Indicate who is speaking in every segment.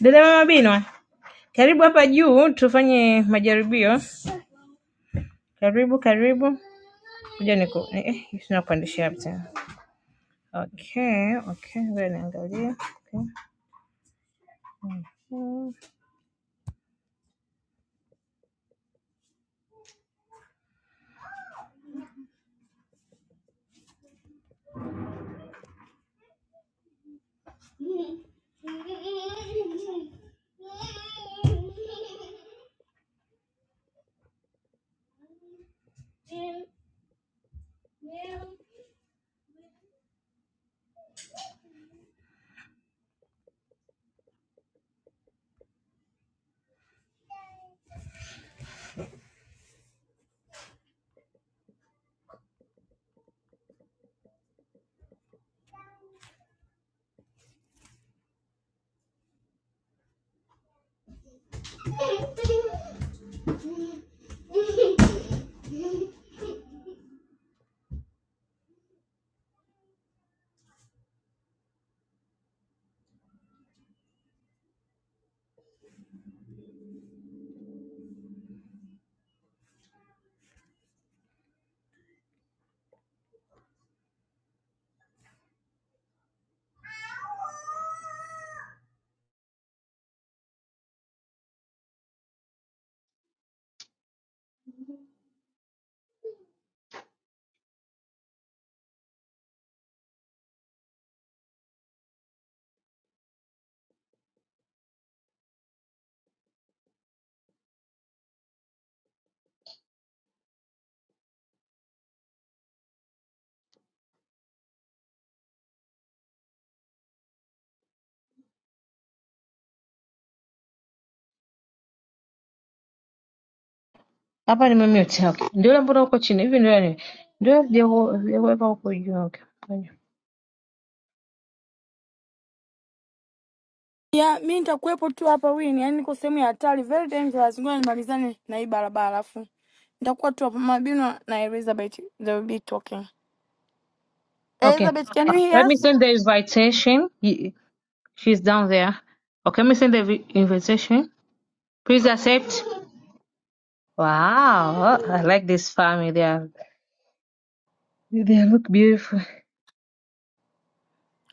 Speaker 1: Dada mama Binwa, karibu hapa juu tufanye majaribio. Karibu karibu, kuja niku ni- eh, tunakupandishia hapa tena. Okay, okay, ngoja niangalie. Okay. Mm. ni nimemute. Okay. Ndio ile mbona huko chini hivi ndio ni. Ndio vijao- vijaweka huko juu. Okay.
Speaker 2: ya mi nitakuwepo tu hapa wini yaani niko sehemu ya hatari very dangerous ngoja nimalizane na hii barabara afu nitakuwa tu hapa mabino na elizabeth they will be talking
Speaker 1: Okay.
Speaker 2: elizabeth can you
Speaker 1: Let
Speaker 2: hear
Speaker 1: me
Speaker 2: us
Speaker 1: send the invitation. She's down there. Okay, let me send the invitation. Please accept. Wow, I like this family. They are, they look beautiful.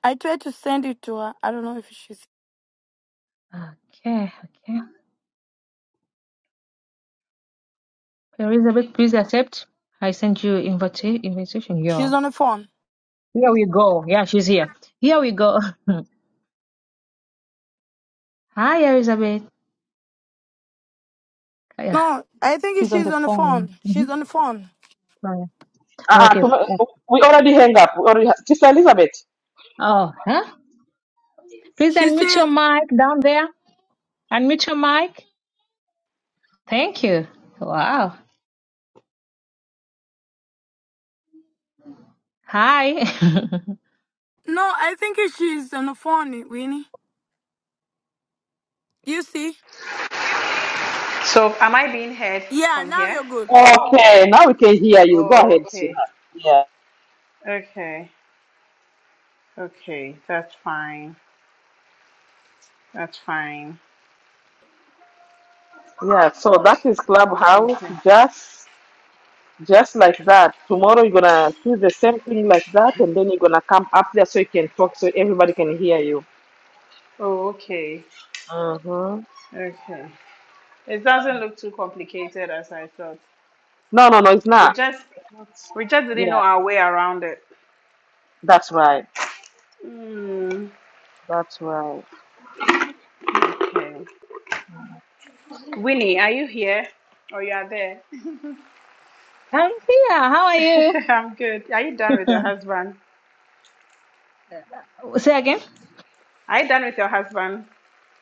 Speaker 2: i tried to send it to her i don't know if she's
Speaker 1: Okay, okay. Elizabeth, please accept. I sent you invita- invitation. Yeah.
Speaker 2: she's on the phone
Speaker 1: Here we go. Yeah, she's here. Here we go. Hi, Elizabeth. Yeah,
Speaker 2: no i think
Speaker 1: she's on
Speaker 2: she's
Speaker 1: the
Speaker 2: on the
Speaker 1: phone.
Speaker 2: phone she's
Speaker 1: Mhm.
Speaker 2: on the phone
Speaker 1: Sorry.
Speaker 3: Uh,
Speaker 1: Okay. Oh,
Speaker 3: to, we already hang up. We already ha- Sister Elizabeth.
Speaker 1: oh, huh? Please
Speaker 2: she's
Speaker 1: unmute your
Speaker 2: still
Speaker 1: mic down there. Unmute your mic. Thank you. Wow. Hi.
Speaker 2: no i think she's on the phone winnie you see
Speaker 4: So am I being heard
Speaker 2: yeah
Speaker 4: from
Speaker 2: now
Speaker 4: here?
Speaker 2: you're good
Speaker 3: Okay, now we can hear you. Go ahead,
Speaker 4: Oh, okay.
Speaker 3: sweetheart. Yeah,
Speaker 4: Okay. Okay. That's fine. That's fine.
Speaker 3: yeah. So that is Clubhouse.
Speaker 4: Okay.
Speaker 3: Just, just like that. Tomorrow you're gonna do the same thing like that, and then you're gonna come up there so you can talk, so everybody can hear you.
Speaker 4: Oh, okay.
Speaker 3: Mm-hmm.
Speaker 4: Okay. It doesn't look too complicated as I thought.
Speaker 3: No, no, no. It's
Speaker 4: We
Speaker 3: not.
Speaker 4: just we just didn't know
Speaker 3: Yeah,
Speaker 4: our way around it.
Speaker 3: that's right.
Speaker 4: Mm,
Speaker 3: That's right.
Speaker 4: okay. Winnie, are you here? Oh, you are there.
Speaker 1: I'm here. How are you?
Speaker 4: I'm good. Are you done with your husband?
Speaker 1: Say again.
Speaker 4: Are you done with your husband?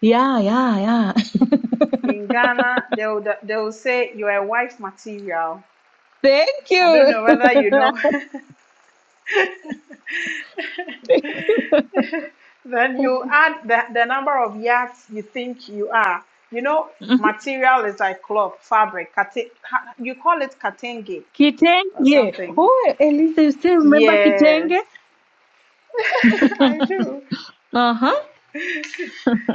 Speaker 1: Yeah, yeah, yeah.
Speaker 4: In Ghana, they will, they will say you are a wife material.
Speaker 1: Thank
Speaker 4: I don't know
Speaker 1: you.
Speaker 4: whether you know. then you add the, the number of yards you think you are. You know, material is like cloth, fabric. Kati- you call it katenge or
Speaker 1: Kitenge.
Speaker 4: something.
Speaker 1: Oh, Elisa, you still remember
Speaker 4: Yes,
Speaker 1: Kitenge?
Speaker 4: I do.
Speaker 1: Uh-huh.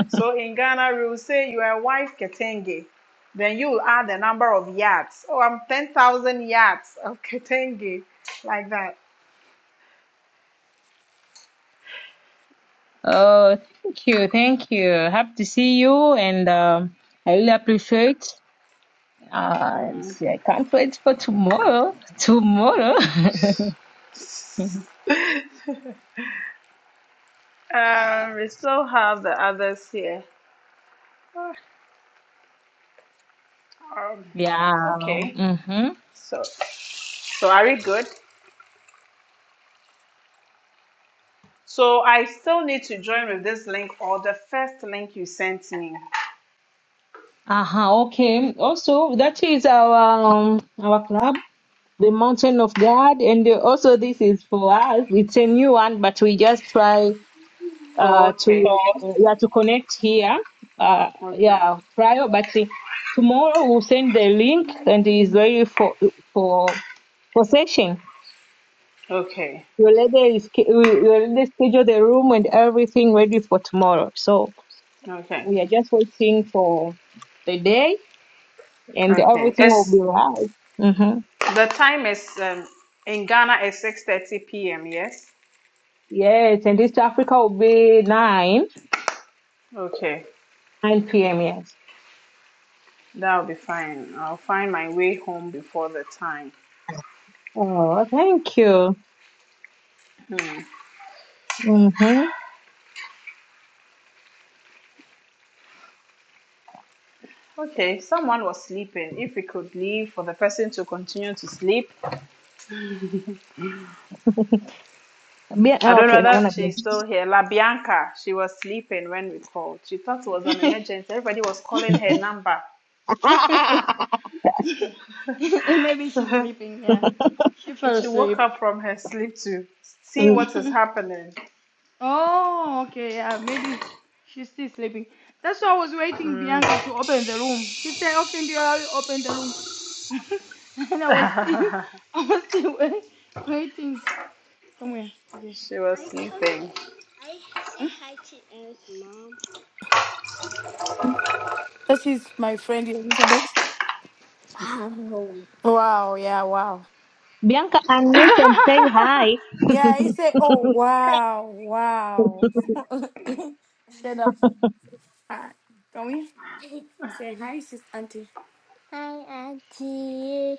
Speaker 4: So in Ghana, we will say you are a wife ketenge. Then you will add the number of yards. Oh, I'm 10,000 yards of ketenge, like that.
Speaker 1: Oh, thank you. Thank you. Happy to see you. And um, I really appreciate uh,
Speaker 4: Mm.
Speaker 1: it's- I can't wait for tomorrow. Tomorrow.
Speaker 4: Um, we still have the others here. Um,
Speaker 1: Yeah.
Speaker 4: okay.
Speaker 1: Mm-hmm.
Speaker 4: So, so are we good? So I still need to join with this link or the first link you sent me.
Speaker 1: Uh-huh. Okay. Also, that is our um, our club, the Mountain of God. And uh, also, this is for us. It's a new one, but we just try.
Speaker 4: Oh,
Speaker 1: uh, to
Speaker 4: okay.
Speaker 1: Oh, yeah to connect here uh,
Speaker 4: Okay.
Speaker 1: yeah prior but see, tomorrow we'll send the link and it's ready for for for session
Speaker 4: Okay.
Speaker 1: We'll is ca- we we already schedule the room and everything ready for tomorrow so
Speaker 4: Okay.
Speaker 1: we are just waiting for the day and
Speaker 4: Okay.
Speaker 1: everything will be
Speaker 4: It's
Speaker 1: right mm-hmm.
Speaker 4: the time is um, in Ghana is 6:30 p.m. Yes.
Speaker 1: yes and east africa will be 9
Speaker 4: Okay.
Speaker 1: 9 p.m yes
Speaker 4: That'll be fine. I'll find my way home before the time.
Speaker 1: oh thank you mm-hmm.
Speaker 4: Okay, someone was sleeping. If we could leave for the person to continue to sleep.
Speaker 1: Be-
Speaker 4: I don't
Speaker 1: okay
Speaker 4: know
Speaker 1: no, i
Speaker 4: whether
Speaker 1: want
Speaker 4: she's still here. La Bianca, she was sleeping when we called. She thought it was an
Speaker 2: Maybe
Speaker 4: emergency. Everybody was calling her number.
Speaker 1: to
Speaker 2: she's
Speaker 4: so
Speaker 2: sleeping, yeah. She fell
Speaker 4: she woke
Speaker 2: asleep.
Speaker 4: up from her sleep to see
Speaker 1: Mm.
Speaker 4: what is happening.
Speaker 2: oh, okay. Yeah, maybe she's still sleeping. That's why I was waiting Bianca to open the room. She said, "Okay, do you allow you open the room?" and I was still, I was still wait, waiting. To, come here, D J.
Speaker 4: she was
Speaker 2: I
Speaker 4: sleeping.
Speaker 2: DJ. Hmm? hi to Eric's mom. That is my friend Elizabeth. Wow, yeah, wow.
Speaker 1: Bianca, unmute and say hi.
Speaker 2: Yeah, he said, oh, wow, wow. Shut up. Ah, Come here. Say hi, sis auntie. Hi, Auntie.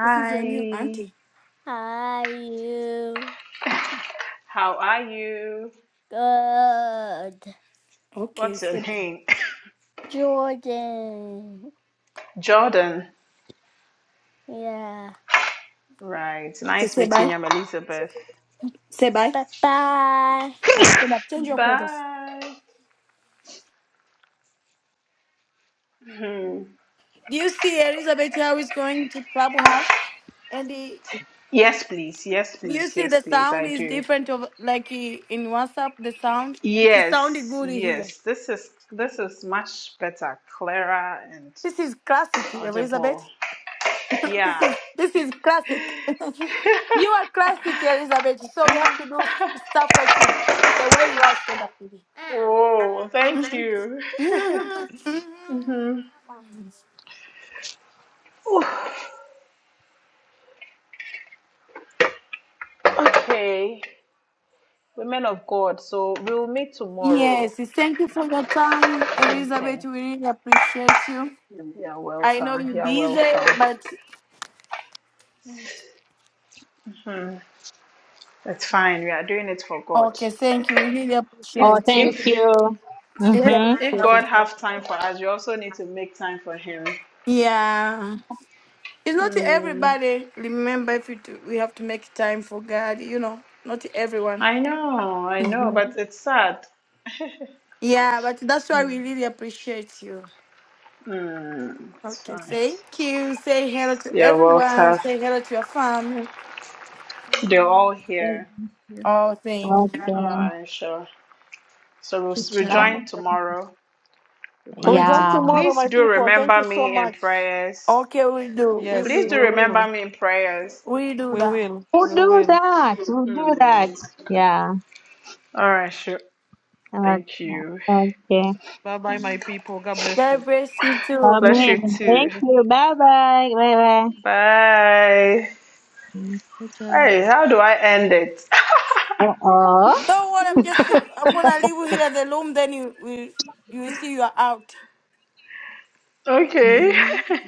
Speaker 2: This is your new auntie. Are you
Speaker 4: How are you?
Speaker 2: good? Okay,
Speaker 4: What's your
Speaker 2: say bye.
Speaker 4: name?
Speaker 2: Jordan.
Speaker 4: Jordan.
Speaker 2: Yeah.
Speaker 4: Right.
Speaker 2: okay,
Speaker 4: Nice
Speaker 2: say
Speaker 4: meeting
Speaker 2: bye.
Speaker 4: you. I'm Elizabeth.
Speaker 2: Say bye. Bye bye. And so that change your clothes.
Speaker 4: Bye. Hmm.
Speaker 2: Do you see Elizabeth how is going to clubhouse? And the,
Speaker 4: Yes, please. Yes,
Speaker 2: do you
Speaker 4: please.
Speaker 2: see
Speaker 4: Yes,
Speaker 2: the
Speaker 4: please.
Speaker 2: sound
Speaker 4: I
Speaker 2: is
Speaker 4: do.
Speaker 2: different of like eh, in WhatsApp the sound? It is sounding
Speaker 4: Yes,
Speaker 2: good here.
Speaker 4: yes. This is this is much better, clearer and
Speaker 2: This is classic, Elizabeth.
Speaker 4: audible.
Speaker 2: this
Speaker 4: Yeah.
Speaker 2: is this is classic. you are classic, Elizabeth. So we have to do s- stuff like you, the way you are stand up TV.
Speaker 4: oh, thank you. Hmm. Ooh, okay, women of God. So we'll meet tomorrow.
Speaker 2: yes, thank you for your time,
Speaker 4: Okay.
Speaker 2: Elizabeth. We really appreciate you.
Speaker 4: You're
Speaker 2: I know
Speaker 4: welcome.
Speaker 2: you're
Speaker 4: You're
Speaker 2: busy,
Speaker 4: welcome.
Speaker 2: but
Speaker 4: Hmm. It's fine. We are doing it for God.
Speaker 2: okay, thank you. We really
Speaker 4: If
Speaker 1: Oh,
Speaker 2: appreciate you.
Speaker 1: thank
Speaker 4: if
Speaker 1: you.
Speaker 2: Really
Speaker 1: Mm-hmm.
Speaker 4: If
Speaker 2: appreciate you.
Speaker 4: God have time for us, we also need to make time for Him.
Speaker 2: Yeah. It's not
Speaker 4: Mm,
Speaker 2: everybody remember if you do, we have to make time for God, you know, not everyone.
Speaker 4: I know, I know, but it's sad.
Speaker 2: Yeah, but that's why we really appreciate you.
Speaker 4: Mm, it's
Speaker 2: Okay,
Speaker 4: fine.
Speaker 2: thank you. Say hello to
Speaker 4: Yeah,
Speaker 2: everyone.
Speaker 4: Walter,
Speaker 2: Say hello to your family.
Speaker 4: they're all here.
Speaker 5: Yeah.
Speaker 2: All things.
Speaker 4: All
Speaker 1: Okay.
Speaker 4: right, sure. So we'll
Speaker 5: Good
Speaker 4: s-
Speaker 5: job.
Speaker 1: Bye.
Speaker 4: rejoin tomorrow. We'll connect
Speaker 5: Yeah.
Speaker 1: Yeah.
Speaker 4: tomorrow. Please do remember me in prayers.
Speaker 2: Okay, we do. We
Speaker 4: Please do
Speaker 2: do.
Speaker 4: remember me in prayers.
Speaker 2: We do that.
Speaker 1: Who do that? Who do
Speaker 4: Mm.
Speaker 1: that? Yeah.
Speaker 4: All right, sure.
Speaker 1: Okay.
Speaker 4: Thank you.
Speaker 1: okay.
Speaker 2: God bless you too.
Speaker 4: Bless you
Speaker 1: Amen.
Speaker 4: too.
Speaker 1: Thank you. Bye bye. Bye bye.
Speaker 4: Bye.
Speaker 5: Good job.
Speaker 4: Hey, how do I end it?
Speaker 1: Uh oh.
Speaker 2: Don't worry. I'm just. I'm gonna leave you here in the room. Then you will. You will see you are out.
Speaker 4: okay
Speaker 2: Mm-hmm.